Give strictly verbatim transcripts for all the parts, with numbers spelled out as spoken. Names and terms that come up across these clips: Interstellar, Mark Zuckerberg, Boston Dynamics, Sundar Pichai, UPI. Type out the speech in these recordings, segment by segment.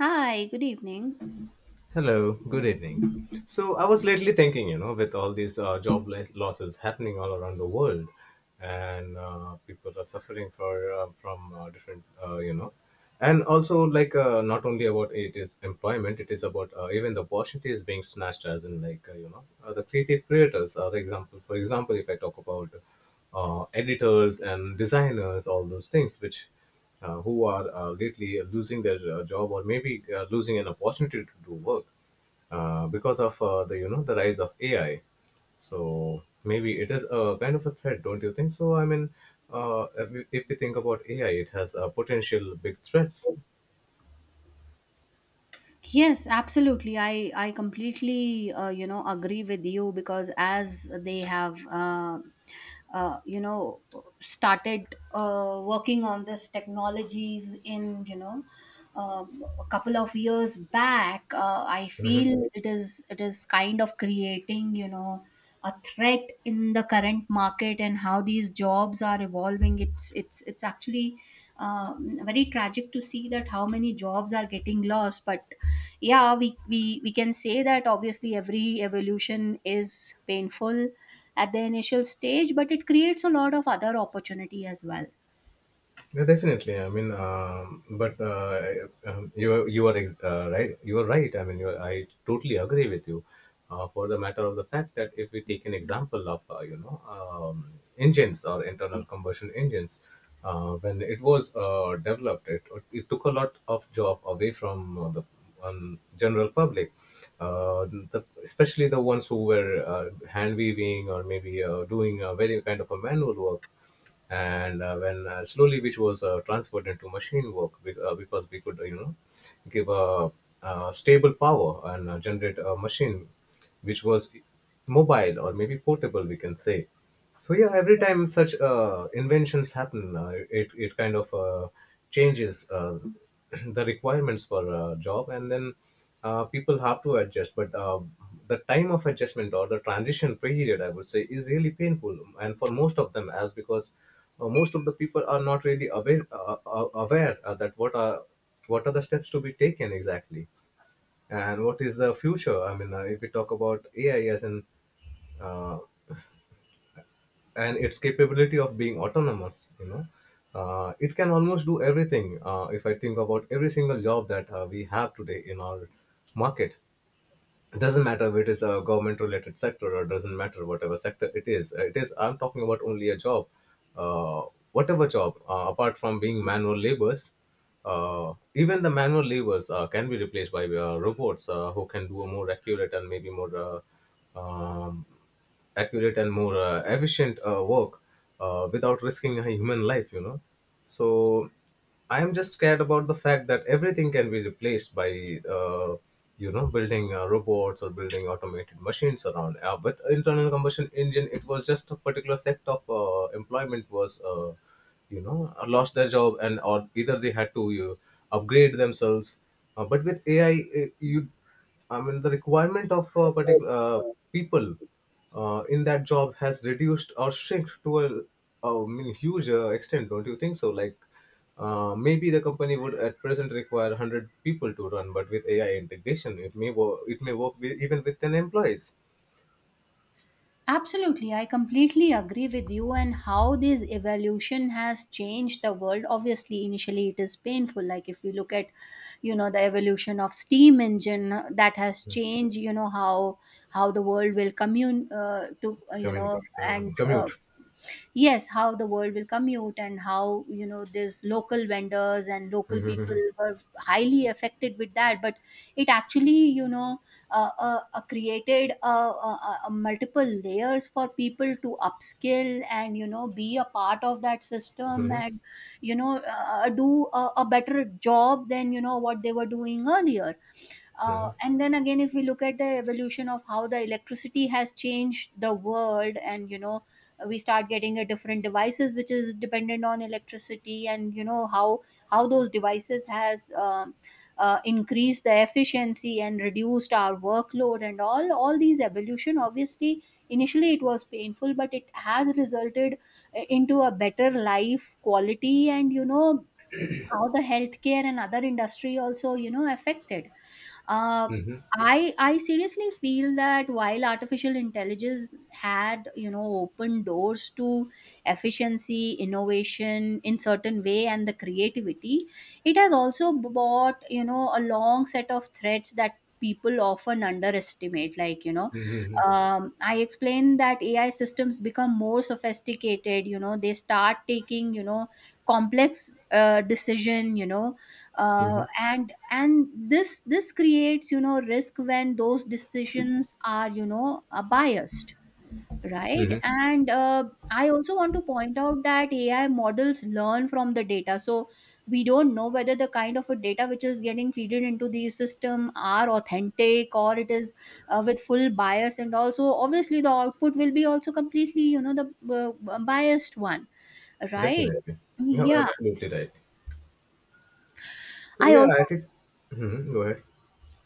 Hi, good evening. Hello, good evening. So, I was lately thinking, you know, with all these uh, job lo- losses happening all around the world, and uh, people are suffering for uh, from uh, different, uh, you know, and also like uh, not only about it is employment, it is about uh, even the opportunity is being snatched, as in like uh, you know, uh, the creative creators are example. For example, if I talk about uh, editors and designers, all those things, which uh, who are uh, lately losing their uh, job or maybe uh, losing an opportunity to do work uh, because of uh, the you know the rise of A I. So maybe it is a kind of a threat, don't you think? So I mean, uh, if, we, if we think about A I, it has uh, potential big threats. Yes, absolutely. I I completely uh, you know agree with you because as they have uh, uh, you know started uh, working on this technologies in you know um, a couple of years back uh, I feel it is it is kind of creating you know a threat in the current market and how these jobs are evolving it's it's it's actually um, very tragic to see that how many jobs are getting lost. But yeah, we, we we can say that obviously every evolution is painful at the initial stage, but it creates a lot of other opportunity as well. Yeah, definitely. I mean, um, but uh, um, you you are ex- uh, right. You are right. I mean, you are, I totally agree with you. Uh, for the matter of the fact that if we take an example of uh, you know um, engines or internal combustion engines, uh, when it was uh, developed, it, it took a lot of job away from uh, the um, general public. Uh, the, especially the ones who were uh, hand weaving or maybe uh, doing a very kind of a manual work, and uh, when uh, slowly which was uh, transferred into machine work, be- uh, because we could uh, you know give a, uh stable power and uh, generate a machine which was mobile or maybe portable, we can say. So yeah, every time such uh, inventions happen, uh, it, it kind of uh, changes uh, the requirements for a job, and then uh, people have to adjust, but uh, the time of adjustment or the transition period, I would say, is really painful, and for most of them, as because uh, most of the people are not really aware uh, uh, aware uh, that what are what are the steps to be taken exactly and what is the future. I mean, uh, if we talk about AI, as in uh, and its capability of being autonomous, you know uh, it can almost do everything. Uh, if I think about every single job that uh, we have today in our market, it doesn't matter if it is a government related sector, or doesn't matter whatever sector it is. Uh, it is I'm talking about only a job, uh, whatever job, uh, apart from being manual labors. Uh, even the manual labors uh, can be replaced by uh, robots, uh, who can do a more accurate and maybe more uh, um, accurate and more uh, efficient uh, work, uh, without risking a human life you know so I am just scared about the fact that everything can be replaced by, uh, you know, building uh, robots or building automated machines around. Uh, with internal combustion engine, it was just a particular sector of uh, employment was, uh, you know, uh, lost their job, and or either they had to you, upgrade themselves. Uh, but with A I, uh, you, I mean, the requirement of uh, particular uh, people uh, in that job has reduced or shrunk to a, a I mean, huge uh, extent. Don't you think so? Like uh, maybe the company would at present require one hundred people to run, but with A I integration, it may work. it may work with, even with ten employees. Absolutely, I completely agree with you and how this evolution has changed the world. Obviously initially it is painful, like if you look at you know the evolution of steam engine, uh, that has changed you know how how the world will commune uh, to uh, you Communi- know um, and uh, commute. yes, how the world will commute and how you know these local vendors and local people Mhm, were highly affected with that. But it actually you know uh, uh, uh, created uh, uh, uh, uh, multiple layers for people to upskill and you know be a part of that mhm, system mhm, and you know uh, do a, a better job than you know what they were doing earlier. Uh, and then again if we look at the evolution of how the electricity has changed the world and you know we start getting a different devices which is dependent on electricity, and you know how how those devices has um, uh, increased the efficiency and reduced our workload, and all all these evolution obviously initially it was painful but it has resulted uh, into a better life quality and you know how the healthcare and other industry also you know affected. uh, mhm, I I seriously feel that while artificial intelligence had you know opened doors to efficiency, innovation in certain way, and the creativity, it has also brought you know a long set of threats that people often underestimate, like you know mhm, um, I explained that AI systems become more sophisticated. You know, they start taking you know complex uh, decision, you know, uh, mhm, and and this this creates you know risk when those decisions are you know uh, biased, right? mhm. and uh, I also want to point out that AI models learn from the data, so we don't know whether the kind of a data which is getting feeded into the system are authentic or it is uh, with full bias, and also obviously the output will be also completely you know the uh, biased one, right? Definitely. No, Yeah, absolutely right. So I yeah, also, I think. Mhm. Go ahead.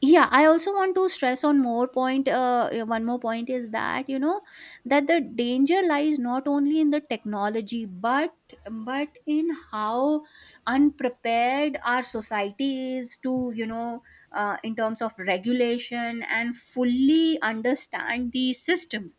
yeah, I also want to stress on more point, uh, uh, one more point is that you know that the danger lies not only in the technology, but but in how unprepared our society is to you know uh, in terms of regulation and fully understand the system.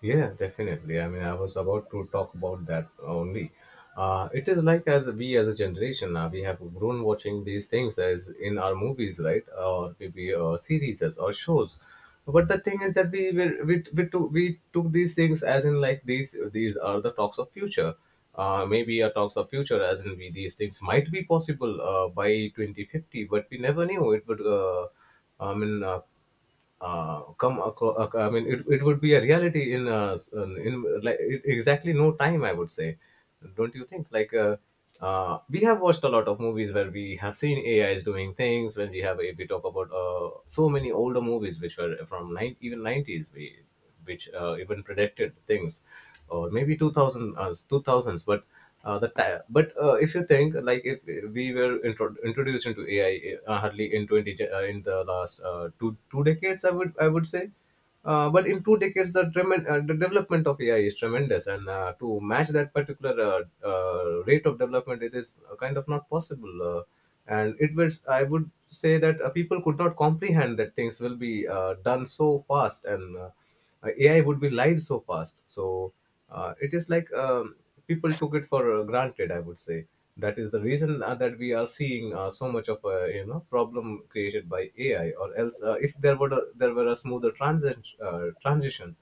Yeah, definitely. I mean, I was about to talk about that only. Uh, it is like, as we, as a generation now, we have grown watching these things as in our movies, right? Or maybe uh, series or shows. But the thing is that we were, we we took we took these things as in like these these are the talks of future. Uh, maybe a talks of future, as in we, these things might be possible uh, by twenty fifty, but we never knew it would. Uh, I mean. Uh, uh, come aco- ac- i mean it, it would be a reality in uh, s- in in, like it- exactly no time, I would say. Don't you think? Like uh, uh, we have watched a lot of movies where we have seen A I is doing things. When we have, if we talk about uh, so many older movies which were from nine, even nineties, we which uh, even predicted things, or maybe two thousand, uh, two thousands. But uh, the ti- but uh, if you think like if we were intro- introduced into A I uh, hardly in twenty ge- uh, in the last uh, two two decades, I would I would say. Uh, but in two decades, the, tremen- uh, the development of A I is tremendous, and uh, to match that particular uh, uh, rate of development, it is uh, kind of not possible. Uh, and it was, I would say that uh, people could not comprehend that things will be uh, done so fast, and uh, uh, A I would be live so fast. So uh, it is like, um, people took it for uh, granted, I would say. That is the reason uh, that we are seeing uh, so much of a you know problem created by A I. Or else, uh, if there were a, there were a smoother transit, uh, transition,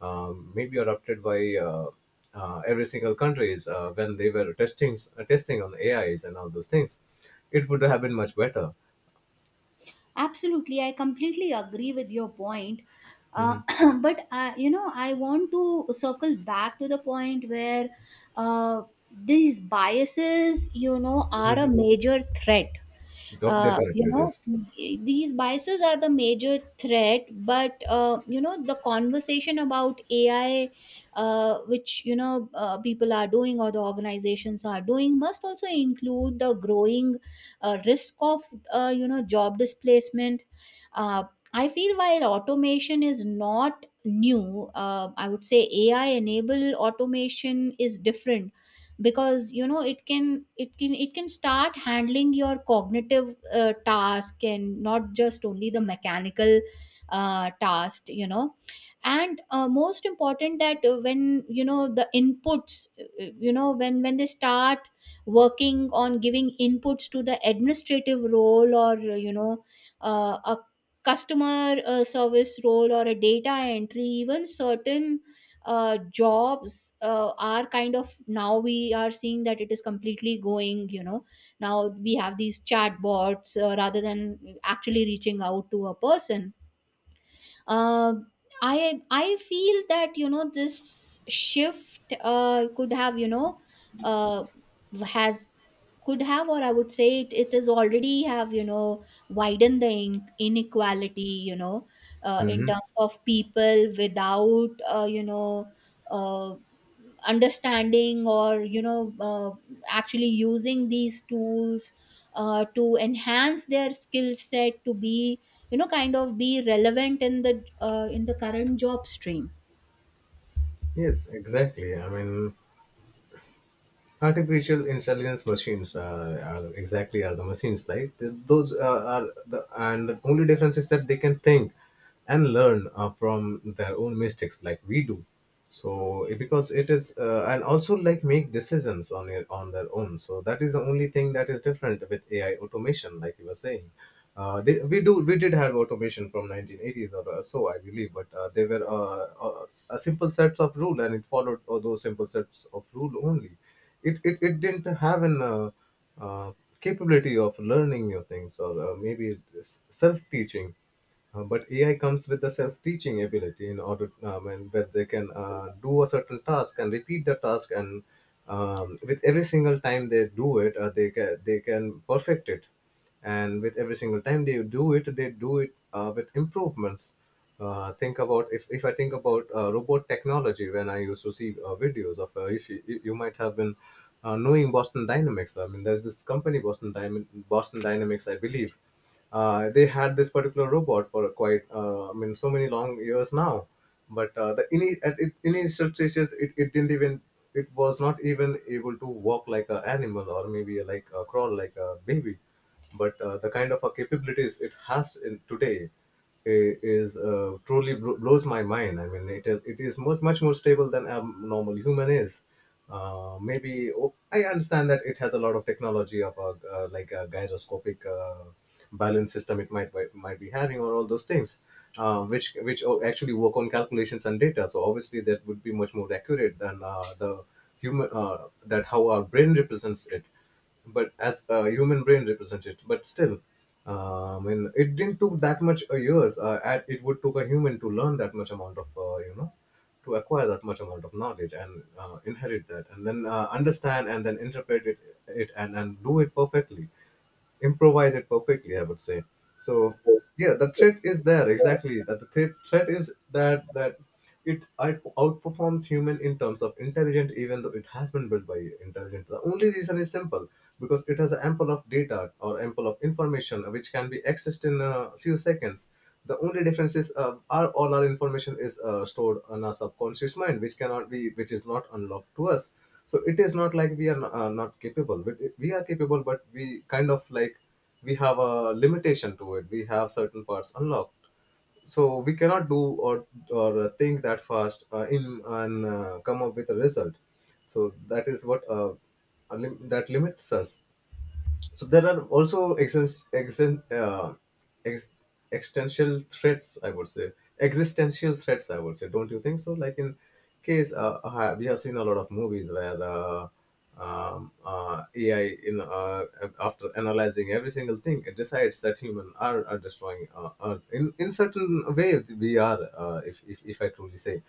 um, maybe adopted by uh, uh, every single countries uh, when they were testing uh, testing on A Is and all those things, it would have been much better. Absolutely, I completely agree with your point. Mm-hmm. Uh, but uh, you know, I want to circle back to the point where uh, these biases, you know, are a major threat, uh, you Definitely, it know, is. these biases are the major threat. But uh, you know the conversation about AI, uh, which you know uh, people are doing or the organizations are doing, must also include the growing uh, risk of uh, you know job displacement. uh, I feel while automation is not new, uh, I would say AI enable automation is different because you know it can it can it can start handling your cognitive uh, task and not just only the mechanical uh, task, you know. And uh, most important that uh, when you know the inputs, uh, you know, when when they start working on giving inputs to the administrative role or uh, you know uh, a customer uh, service role or a data entry, even certain uh, jobs uh, are kind of, now we are seeing that it is completely going you know, now we have these chatbots uh, rather than actually reaching out to a person. uh, i i feel that you know this shift uh, could have you know uh, has could have, or I would say it, it is already have you know widened the in- inequality, you know, uh, in Mm-hmm. terms of people without uh, you know uh, understanding or you know uh, actually using these tools uh, to enhance their skill set to be you know kind of be relevant in the uh, in the current job stream. Yes, exactly. I mean, artificial intelligence machines are, are exactly are the machines, like th- those uh, are the, and the only difference is that they can think and learn uh, from their own mistakes like we do. So it- because it is uh, and also like make decisions on it on their own, so that is the only thing that is different with AI automation, like you were saying. Uh, did, we do we did have automation from nineteen eighties or uh, so, I believe, but uh, they were uh, uh, a simple sets of rule, and it followed uh, those simple sets of rule only. It, it, it didn't have an uh, uh, capability of learning new things or uh, maybe s- self-teaching. Uh, but AI comes with the self-teaching ability in order, um, and where they can uh, do a certain task and repeat the task and, um, with every single time they do it, uh, they can they can perfect it. And with every single time they do it they do it uh, with improvements. Uh, think about, if, if I think about uh, robot technology, when I used to see uh, videos of uh, if you, you might have been uh, knowing Boston Dynamics. I mean, there's this company boston Dynam Boston Dynamics, I believe. Uh, they had this particular robot for quite uh, I mean so many long years now. But uh, the ini at it, initial stages, it, it didn't even it was not even able to walk like an animal, or maybe like a crawl like a baby. But uh, the kind of uh, capabilities it has in today i- is uh, truly bro- blows my mind. I mean, it is it is much much more stable than a normal human is. Uh, maybe oh, I understand that it has a lot of technology of a, uh, like a gyroscopic uh, balance system it might might be having, or all those things, uh, which which o- actually work on calculations and data. So obviously that would be much more accurate than uh, the human, uh, that how our brain represents it, but as a human brain represented. But still, uh, I mean, it didn't took that much uh, years, uh, and it would took a human to learn that much amount of, uh, you know to acquire that much amount of knowledge and uh, inherit that and then uh, understand and then interpret it, it and, and do it perfectly, improvise it perfectly, I would say. So yeah, the threat is there, exactly. That the threat, threat is that that it out- outperforms human in terms of intelligent, even though it has been built by intelligent. The only reason is simple, because it has ample of data or ample of information which can be accessed in a few seconds. The only difference is, uh, our, all our information is uh, stored on our subconscious mind which cannot be which is not unlocked to us. So it is not like we are n- uh, not capable. We, we are capable, but we kind of like, we have a limitation to it. We have certain parts unlocked, so we cannot do, or or uh, think that fast uh, in and uh, come up with a result. So that is what, uh, a lim- that limits us. So there are also exist, exist, uh, ex, existential threats, I would say. Existential threats, I would say. Don't you think so? Like in case, uh, uh, we have seen a lot of movies where uh, um, uh, A I, in uh, after analyzing every single thing, it decides that human are, are destroying uh, Earth. In, in certain way, we are, uh, if, if, if I truly say.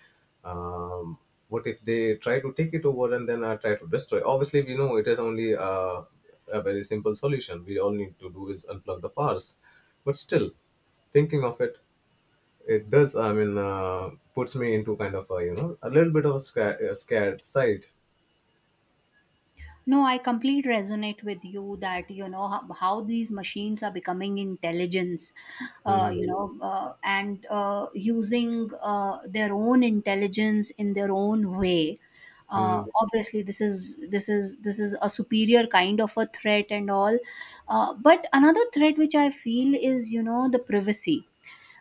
Um, what if they try to take it over and then uh, try to destroy? Obviously, we know it is only uh, a very simple solution. We all need to do is unplug the powers. But still, thinking of it, it does. I mean, uh, puts me into kind of a, you know a little bit of a, sca- a scared side. No, I completely resonate with you that you know how, how these machines are becoming intelligence, uh, you Mm-hmm. know, uh, and uh, using uh, their own intelligence in their own way. Uh, Mm-hmm. obviously, this is this is this is a superior kind of a threat and all. Uh, but another threat which I feel is you know the privacy.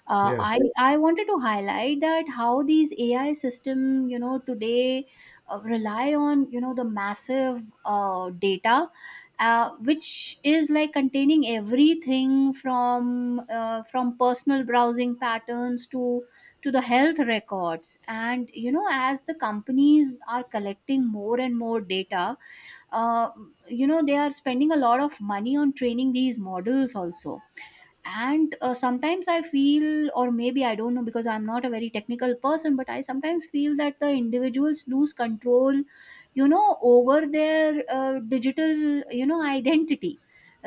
uh, Yeah. I I wanted to highlight that how these A I system you know today uh, rely on you know the massive uh, data, uh, which is like containing everything from uh, from personal browsing patterns to to the health records, and you know as the companies are collecting more and more data, uh, you know they are spending a lot of money on training these models also. And uh, sometimes I feel, or maybe I don't know because I'm not a very technical person, but I sometimes feel that the individuals lose control you know over their uh, digital you know identity,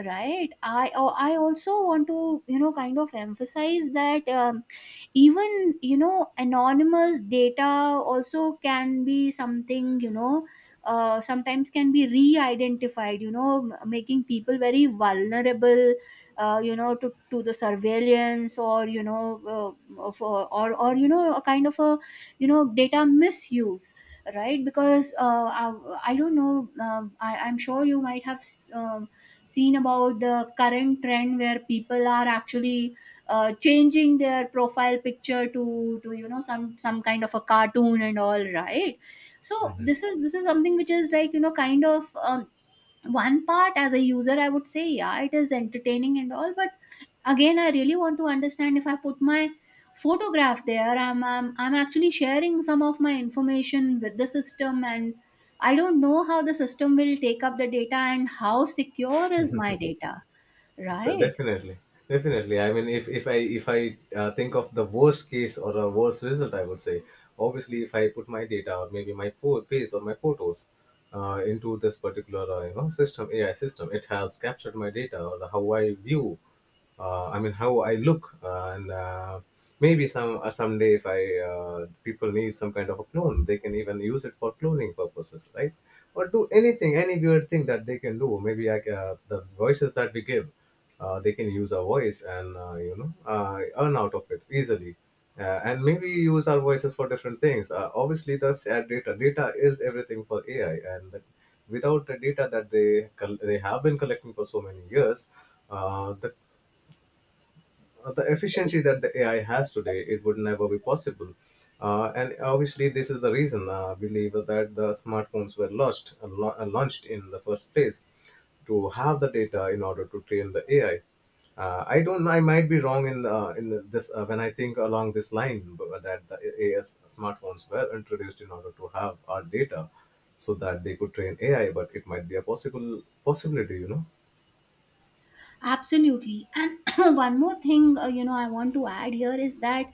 right? I oh, i also want to you know kind of emphasize that, um, even you know anonymous data also can be something you know uh, sometimes can be re-identified, you know, m- making people very vulnerable uh, you know to, to the surveillance or you know uh, for, or or you know a kind of a you know data misuse, right? Because uh, I, I don't know, um, I, I'm sure you might have um, seen about the current trend where people are actually uh, changing their profile picture to to you know some some kind of a cartoon and all, right? So this is this is something which is like you know kind of, um, one part as a user I would say yeah it is entertaining and all, but again I really want to understand if I put my photograph there, i'm i'm, I'm actually sharing some of my information with the system, and I don't know how the system will take up the data and how secure is my data, So right? definitely, definitely. I mean, if if I if I uh, think of the worst case or a worst result, I would say, obviously, if I put my data or maybe my pho- face or my photos uh, into this particular, uh, you know system A I system, it has captured my data or how I view. Uh, I mean, how I look, uh, and uh, maybe some uh, someday, if I uh, people need some kind of a clone, they can even use it for cloning purposes, right? Or do anything, any weird thing that they can do. Maybe I, ca- uh, the voices that we give, uh, they can use our voice and, uh, you know uh, earn out of it easily, uh, and maybe use our voices for different things. Uh, obviously, the sad data data is everything for A I, and that, without the data that they col- they have been collecting for so many years, uh, the uh, the efficiency that the A I has today, it would never be possible. Uh, and obviously, this is the reason, uh, I believe that the smartphones were launched, uh, lau- uh, launched in the first place, to have the data in order to train the A I. Uh, I don't. I might be wrong in, uh, in the- this, uh, when I think along this line, but that the A S smartphones were introduced in order to have our data so that they could train A I. But it might be a possible possibility, you know. Absolutely. And one more thing, uh, you know, I want to add here is that,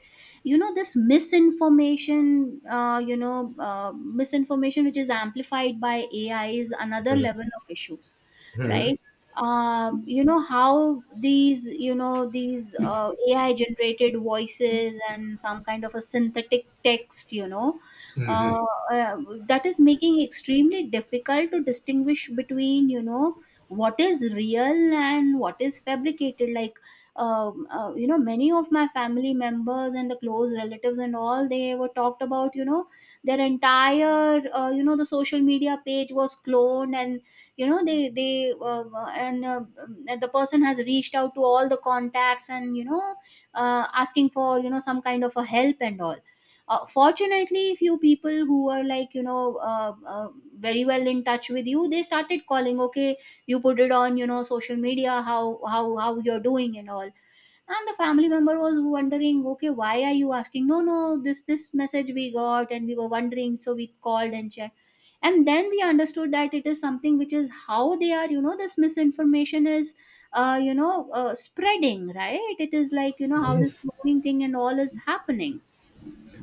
you know, this misinformation, uh, you know, uh, misinformation which is amplified by A I is another level of issues, right? Uh, you know, how these, you know, these uh, A I generated voices and some kind of a synthetic text, you know, uh, uh, that is making extremely difficult to distinguish between, you know, what is real and what is fabricated, like um, uh, you know many of my family members and the close relatives and all, they were talked about you know their entire uh, you know the social media page was cloned, and you know they they uh, uh, and uh, um, the person has reached out to all the contacts, and you know uh, asking for you know some kind of a help and all. Uh, fortunately few people who were like you know uh, uh, very well in touch with you, they started calling, okay, you put it on you know social media, how how how you're doing and all. And the family member was wondering, okay, why are you asking? No, no, this this message we got and we were wondering, so we called and checked. And then we understood that it is something which is how they are, you know, this misinformation is uh, you know uh, spreading, right? It is like you know how this Yes. cloning thing and all is happening.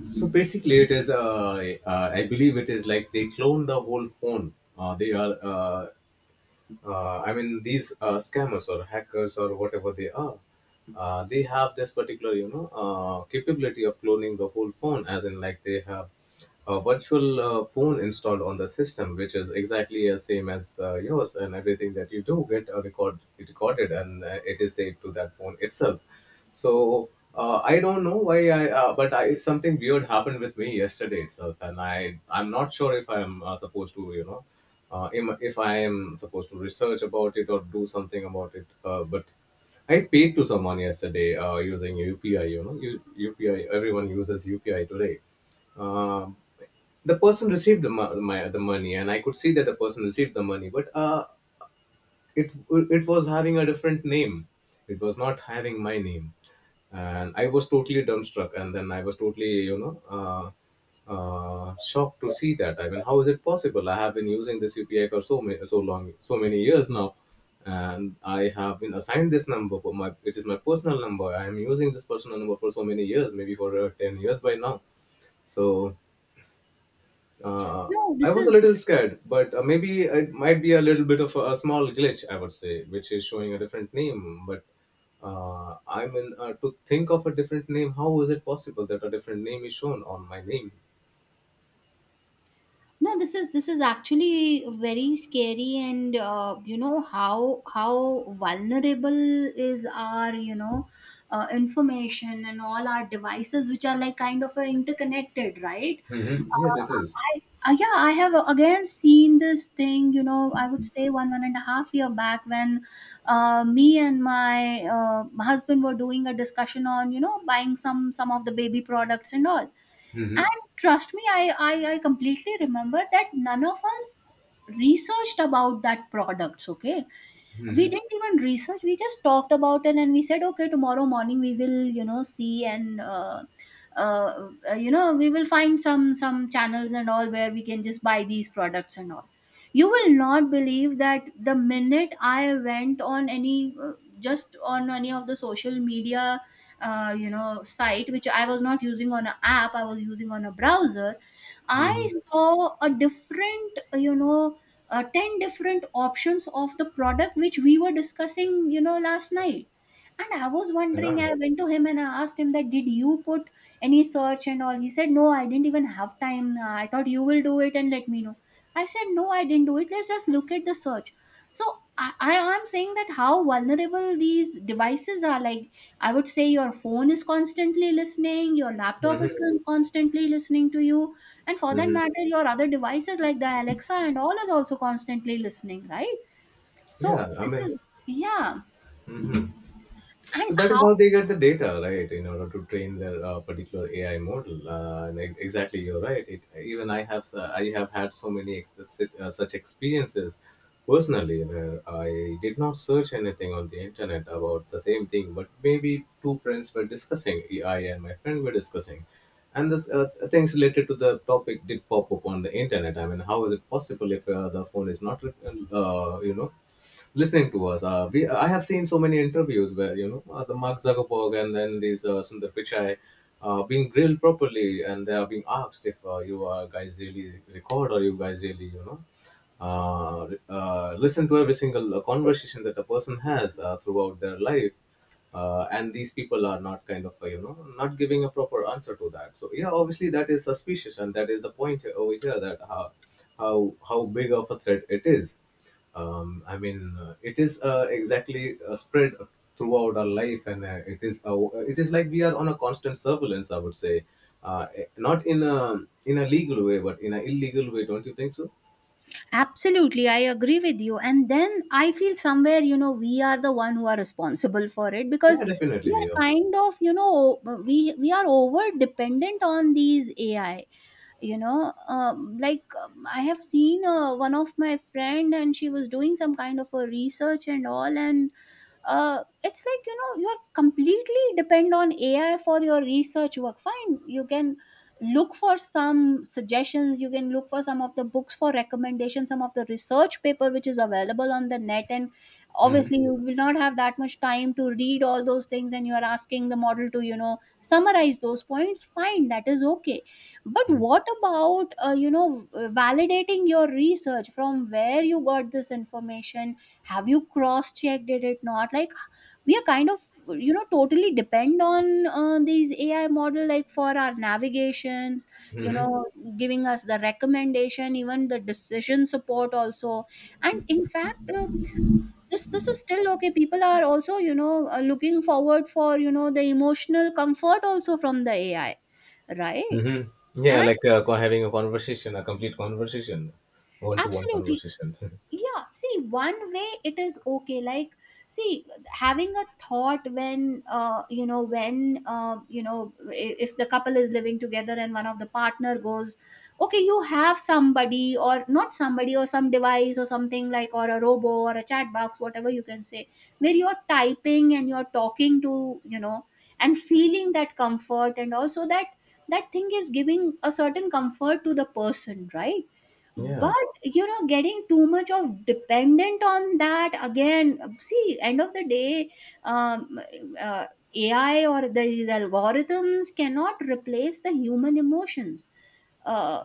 So basically, it is. Uh, uh, I believe it is like they clone the whole phone. Uh, they are. Uh, uh, I mean, these uh, scammers or hackers or whatever they are, uh, they have this particular, you know uh, capability of cloning the whole phone. As in, like, they have a virtual uh, phone installed on the system, which is exactly as same as uh, yours, and everything that you do get uh, record recorded, and uh, it is saved to that phone itself. So, uh, I don't know why I, uh, but I, it's something weird happened with me yesterday itself, and I I'm not sure if I'm uh, supposed to you know uh, im- if I am supposed to research about it or do something about it, uh, but. I paid to someone yesterday, uh, using U P I. You know, U- UPI. Everyone uses U P I today. Um the person received the, mo- my, the money, and I could see that the person received the money. But uh, it it was having a different name. It was not having my name. And I was totally dumbstruck, and then I was totally, you know uh, uh, shocked to see that. I mean, how is it possible? I have been using this U P I for so many so long so many years now, and I have been assigned this number for my it is my personal number. I am using this personal number for so many years, maybe for uh, ten years by now. So, uh, no I this was a is little scared, but uh, maybe it might be a little bit of a, a small glitch, I would say, which is showing a different name. But uh, I mean, uh, to think of a different name, how is it possible that a different name is shown on my name? no this is this is actually very scary, and uh, you know how how vulnerable is our you know uh, information and all our devices which are like kind of uh, interconnected, right? Mm-hmm. Yes, uh, it is. I, uh, yeah, I have again seen this thing, you know, I would say one one and a half year back when uh, me and my uh, husband were doing a discussion on you know buying some some of the baby products and all. Mm-hmm. And trust me, I, I, I completely remember that none of us researched about that products. Okay? We didn't even research. We just talked about it and we said, okay, tomorrow morning we will, you know, see and uh, uh, uh, you know we will find some some channels and all where we can just buy these products and all. You will not believe that the minute I went on any uh, just on any of the social media uh, you know site, which I was not using on an app, I was using on a browser, Mm-hmm. I saw a different, uh, you know, uh, ten different options of the product which we were discussing, you know, last night. And I was wondering, Yeah. I went to him and I asked him that, did you put any search and all? He said, no, I didn't even have time. Uh, I thought you will do it and let me know. I said, no, I didn't do it. Let's just look at the search. So I, I am saying that how vulnerable these devices are. Like, I would say your phone is constantly listening, your laptop Mm-hmm. is con- constantly listening to you. And for that Mm-hmm. matter, your other devices like the Alexa and all is also constantly listening, right? Yeah, So I this mean, is, yeah, and so that is how. how they get the data, right? In order to train their, uh, particular A I model. Uh, and e- exactly, you're right. It, even I have s- I have had so many ex- si- uh, such experiences personally, where I did not search anything on the internet about the same thing, but maybe two friends were discussing. E, I and my friend were discussing, and this uh, things related to the topic did pop up on the internet. I mean, how is it possible if uh, the phone is not, uh, you know? listening to us. Uh, we, I have seen so many interviews where, you know uh, the Mark Zuckerberg, and then these uh, Sundar Pichai, uh, being grilled properly, and they are being asked if, uh, you, uh, guys really record, or you guys really, you know uh, uh, listen to every single uh, conversation that a person has uh, throughout their life. Uh, and these people are not kind of, uh, you know not giving a proper answer to that. So yeah, obviously that is suspicious, and that is the point here- over here, that how how how big of a threat it is. um, I mean, uh, it is uh, exactly uh, spread throughout our life, and uh, it is uh, it is like we are on a constant surveillance, I would say. Uh, eh, not in a in a legal way, but in an illegal way. Don't you think so? Absolutely, I agree with you. And then I feel somewhere, you know, we are the one who are responsible for it, Yeah, because we definitely we are are. kind of, you know, we we are over dependent on these A I. You know, um, like um, I have seen uh, one of my friend, and she was doing some kind of a research and all, and uh, it's like, you know, you are completely depend on AI for your research work. Fine, you can look for some suggestions, you can look for some of the books for recommendations, some of the research paper which is available on the net, and Mm-hmm. obviously you will not have that much time to read all those things, and you are asking the model to, you know, summarize those points. Fine, that is okay. But what about uh, you know validating your research? From where you got this information? Have you cross checked? Did it not? Like, we are kind of, you know, totally depend on uh, these AI model, like for our navigations, you know, giving us the recommendation, even the decision support also. And in fact, uh, this this is still okay. People are also, you know, uh, looking forward for, you know, the emotional comfort also from the AI, right? Mm-hmm. Yeah, And like, uh, co- having a conversation, a complete conversation, one to one absolutely, conversation. yeah, see, one way it is okay. Like, see, having a thought when, uh, you know when, uh, you know i- if the couple is living together and one of the partner goes, okay, you have somebody or not somebody or some device or something like, or a robo or a chat box, whatever you can say, where you're typing and you're talking to, you know, and feeling that comfort, and also that that thing is giving a certain comfort to the person, right? Yeah. But you know, getting too much of dependent on that, again, see, end of the day, um, uh, AI or these algorithms cannot replace the human emotions. uh,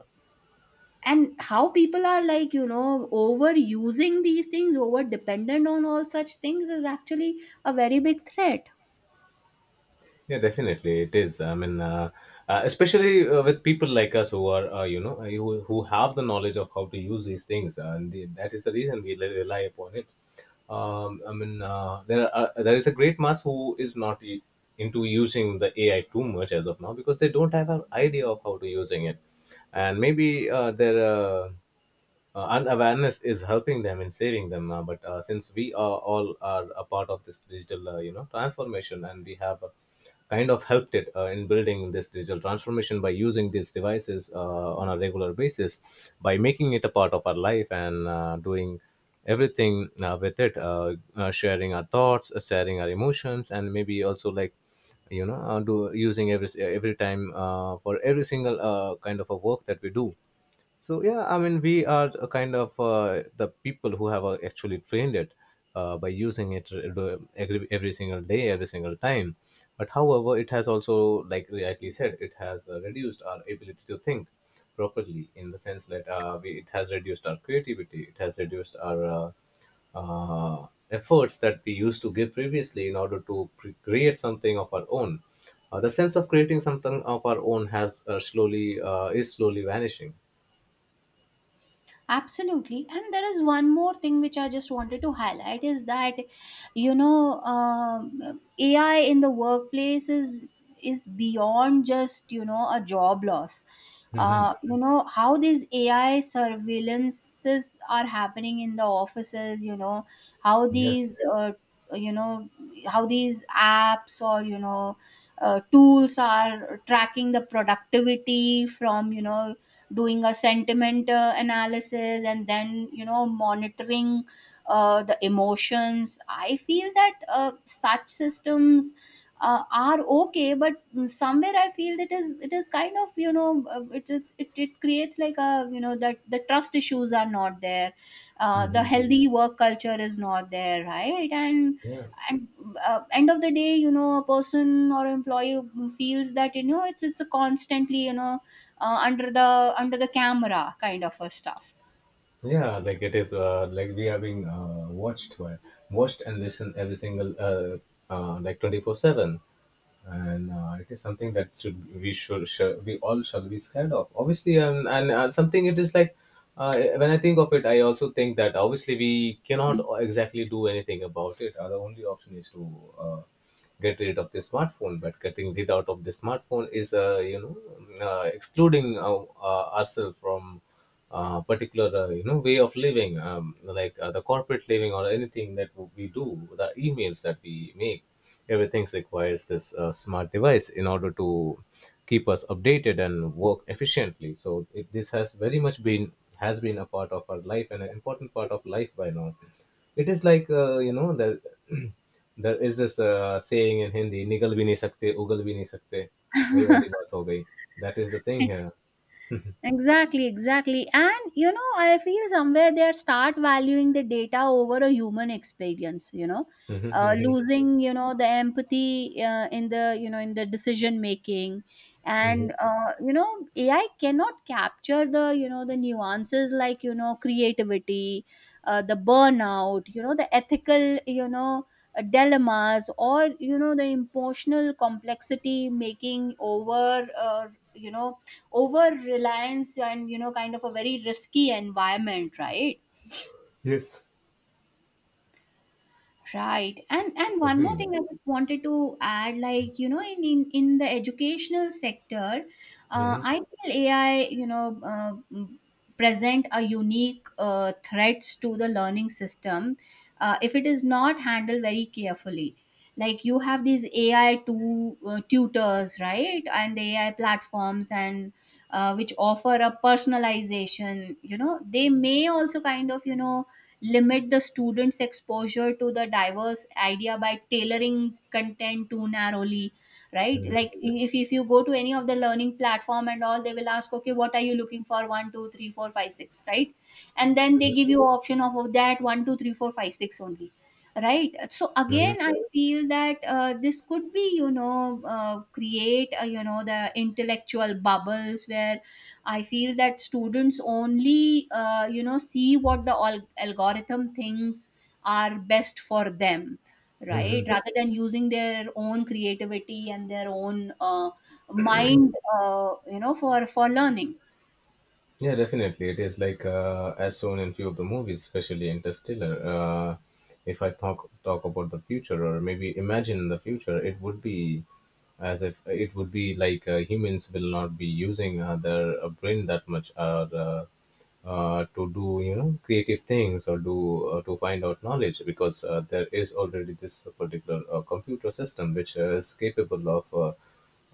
and how people are, like, you know, overusing these things, over dependent on all such things is actually a very big threat. Yeah, definitely it is. I mean, uh, uh, especially uh, with people like us, who are, uh, you know, uh, who, who have the knowledge of how to use these things, uh, and the, that is the reason we rely rely upon it. Um, I mean, uh, there are uh, there is a great mass who is not e- into using the A I too much as of now, because they don't have an idea of how to using it, and maybe uh, they're. Uh, uh, and awareness is helping them and saving them, uh, but uh, since we are all are a part of this digital, uh, you know transformation, and we have, uh, kind of helped it, uh, in building this digital transformation by using these devices uh, on a regular basis, by making it a part of our life, and uh, doing everything uh, with it, uh, uh, sharing our thoughts, uh, sharing our emotions, and maybe also like, you know uh, do using every every time uh, for every single uh, kind of a work that we do. So yeah, I mean, we are a kind of, uh, the people who have uh, actually trained it uh, by using it uh, every, every single day, every single time. But however, it has also, like rightly said, it has uh, reduced our ability to think properly, in the sense that, uh, we, it has reduced our creativity, it has reduced our uh, uh, efforts that we used to give previously, in order to pre- create something of our own. Uh, the sense of creating something of our own has uh, slowly uh, is slowly vanishing. Absolutely. And there is one more thing which I just wanted to highlight, is that, you know, um, A I in the workplace is is beyond just, you know, a job loss. Hmm. Uh, you know how these A I surveillances are happening in the offices. You know how Yes. these uh, you know how these apps, or, you know, uh, tools are tracking the productivity, from, you know, doing a sentiment uh, analysis, and then, you know, monitoring uh, the emotions. I feel that uh, such systems uh, are okay, but somewhere I feel that, is it, is kind of, you know, uh, it is it, it creates like a, you know, that the trust issues are not there, uh, the Hmm. healthy work culture is not there, right? and Yeah. and uh, end of the day, you know, a person or employee feels that, you know, it's it's a constantly, you know, uh, under the under the camera kind of a stuff. Yeah, like, it is uh, like we are being uh, watched by watched and listened every single, uh, uh, like, twenty four seven, and uh, it is something that should we should, should we all shall be scared of, obviously. And and uh, something, it is like, uh, when I think of it, I also think that obviously we cannot exactly do anything about it. Our only option is to uh, get rid of the smartphone, but getting rid out of the smartphone is, uh, you know uh, excluding, uh, uh, ourselves from uh, particular, uh, you know way of living, um, like, uh, the corporate living or anything that we do, the emails that we make. Everything requires this uh, smart device in order to keep us updated and work efficiently. So it, this has very much been has been a part of our life, and an important part of life by now. It is like, uh, you know the there is this uh, saying in Hindi: nigal bhi nahi sakte ugal bhi nahi sakte. वही वाली बात हो गई. That is the thing here. Exactly, exactly. And you know, I feel somewhere they are start valuing the data over a human experience, you know, uh, losing, you know, the empathy uh, in the, you know, in the decision making. And, uh, you know, A I cannot capture the, you know, the nuances, like, you know, creativity, uh, the burnout, you know, the ethical, you know, uh, dilemmas, or, you know, the emotional complexity making, over, uh, you know, over reliance, and you know, kind of a very risky environment, right? Yes. Right. And and one more Agreed. thing I just wanted to add, like, you know, in in, in the educational sector, uh, Hmm. I feel A I, you know, uh, mm, present a unique uh, threats to the learning system, uh, if it is not handled very carefully. Like, you have these A I tu- uh, tutors, right? And the A I platforms and uh, which offer a personalization, you know, they may also kind of, you know, limit the students exposure to the diverse idea by tailoring content too narrowly, right? Hmm. Like, if, if you go to any of the learning platform and all, they will ask, okay, what are you looking for? One two three four five six, right? And then they give you option of, of that one two three four five six only, right? So again, I feel that uh, this could be, you know, uh, create, uh, you know, the intellectual bubbles where I feel that students only, uh, you know, see what the al- algorithm thinks are best for them, right? Hmm. Rather than using their own creativity and their own uh, mind, uh, you know, for for learning. Yeah, definitely. It is like, uh, as shown in few of the movies, especially Interstellar. Uh, if I talk talk about the future, or maybe imagine in the future, it would be, as if it would be like, uh, humans will not be using uh, their uh, brain that much, or uh, uh, to do, you know creative things, or do uh, to find out knowledge, because uh, there is already this particular uh, computer system, which uh, is capable of uh,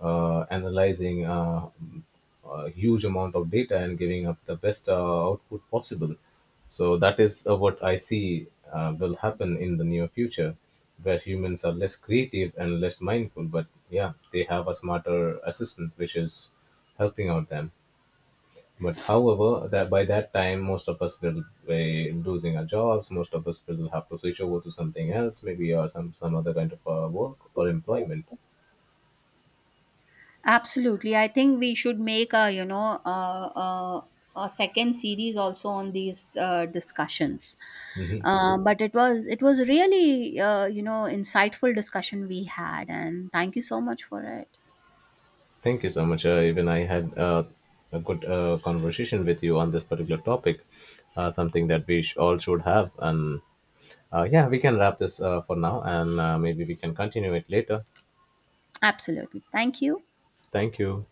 uh, analyzing Uh, a huge amount of data and giving up the best uh, output possible. So that is uh, what I see uh, will happen in the near future, where humans are less creative and less mindful. But yeah, they have a smarter assistant which is helping out them. But however, that by that time, most of us will be losing our jobs. Most of us will have to switch over to something else, maybe, or some some other kind of uh, work or employment. Absolutely, I think we should make a, you know, a, a, a second series also on these uh, discussions. Uh, but it was it was really, uh, you know, insightful discussion we had, and thank you so much for it. Thank you so much. Uh, even I had uh, a good uh, conversation with you on this particular topic, uh, something that we sh- all should have. And uh, yeah, we can wrap this uh, for now, and uh, maybe we can continue it later. Absolutely. Thank you. Thank you.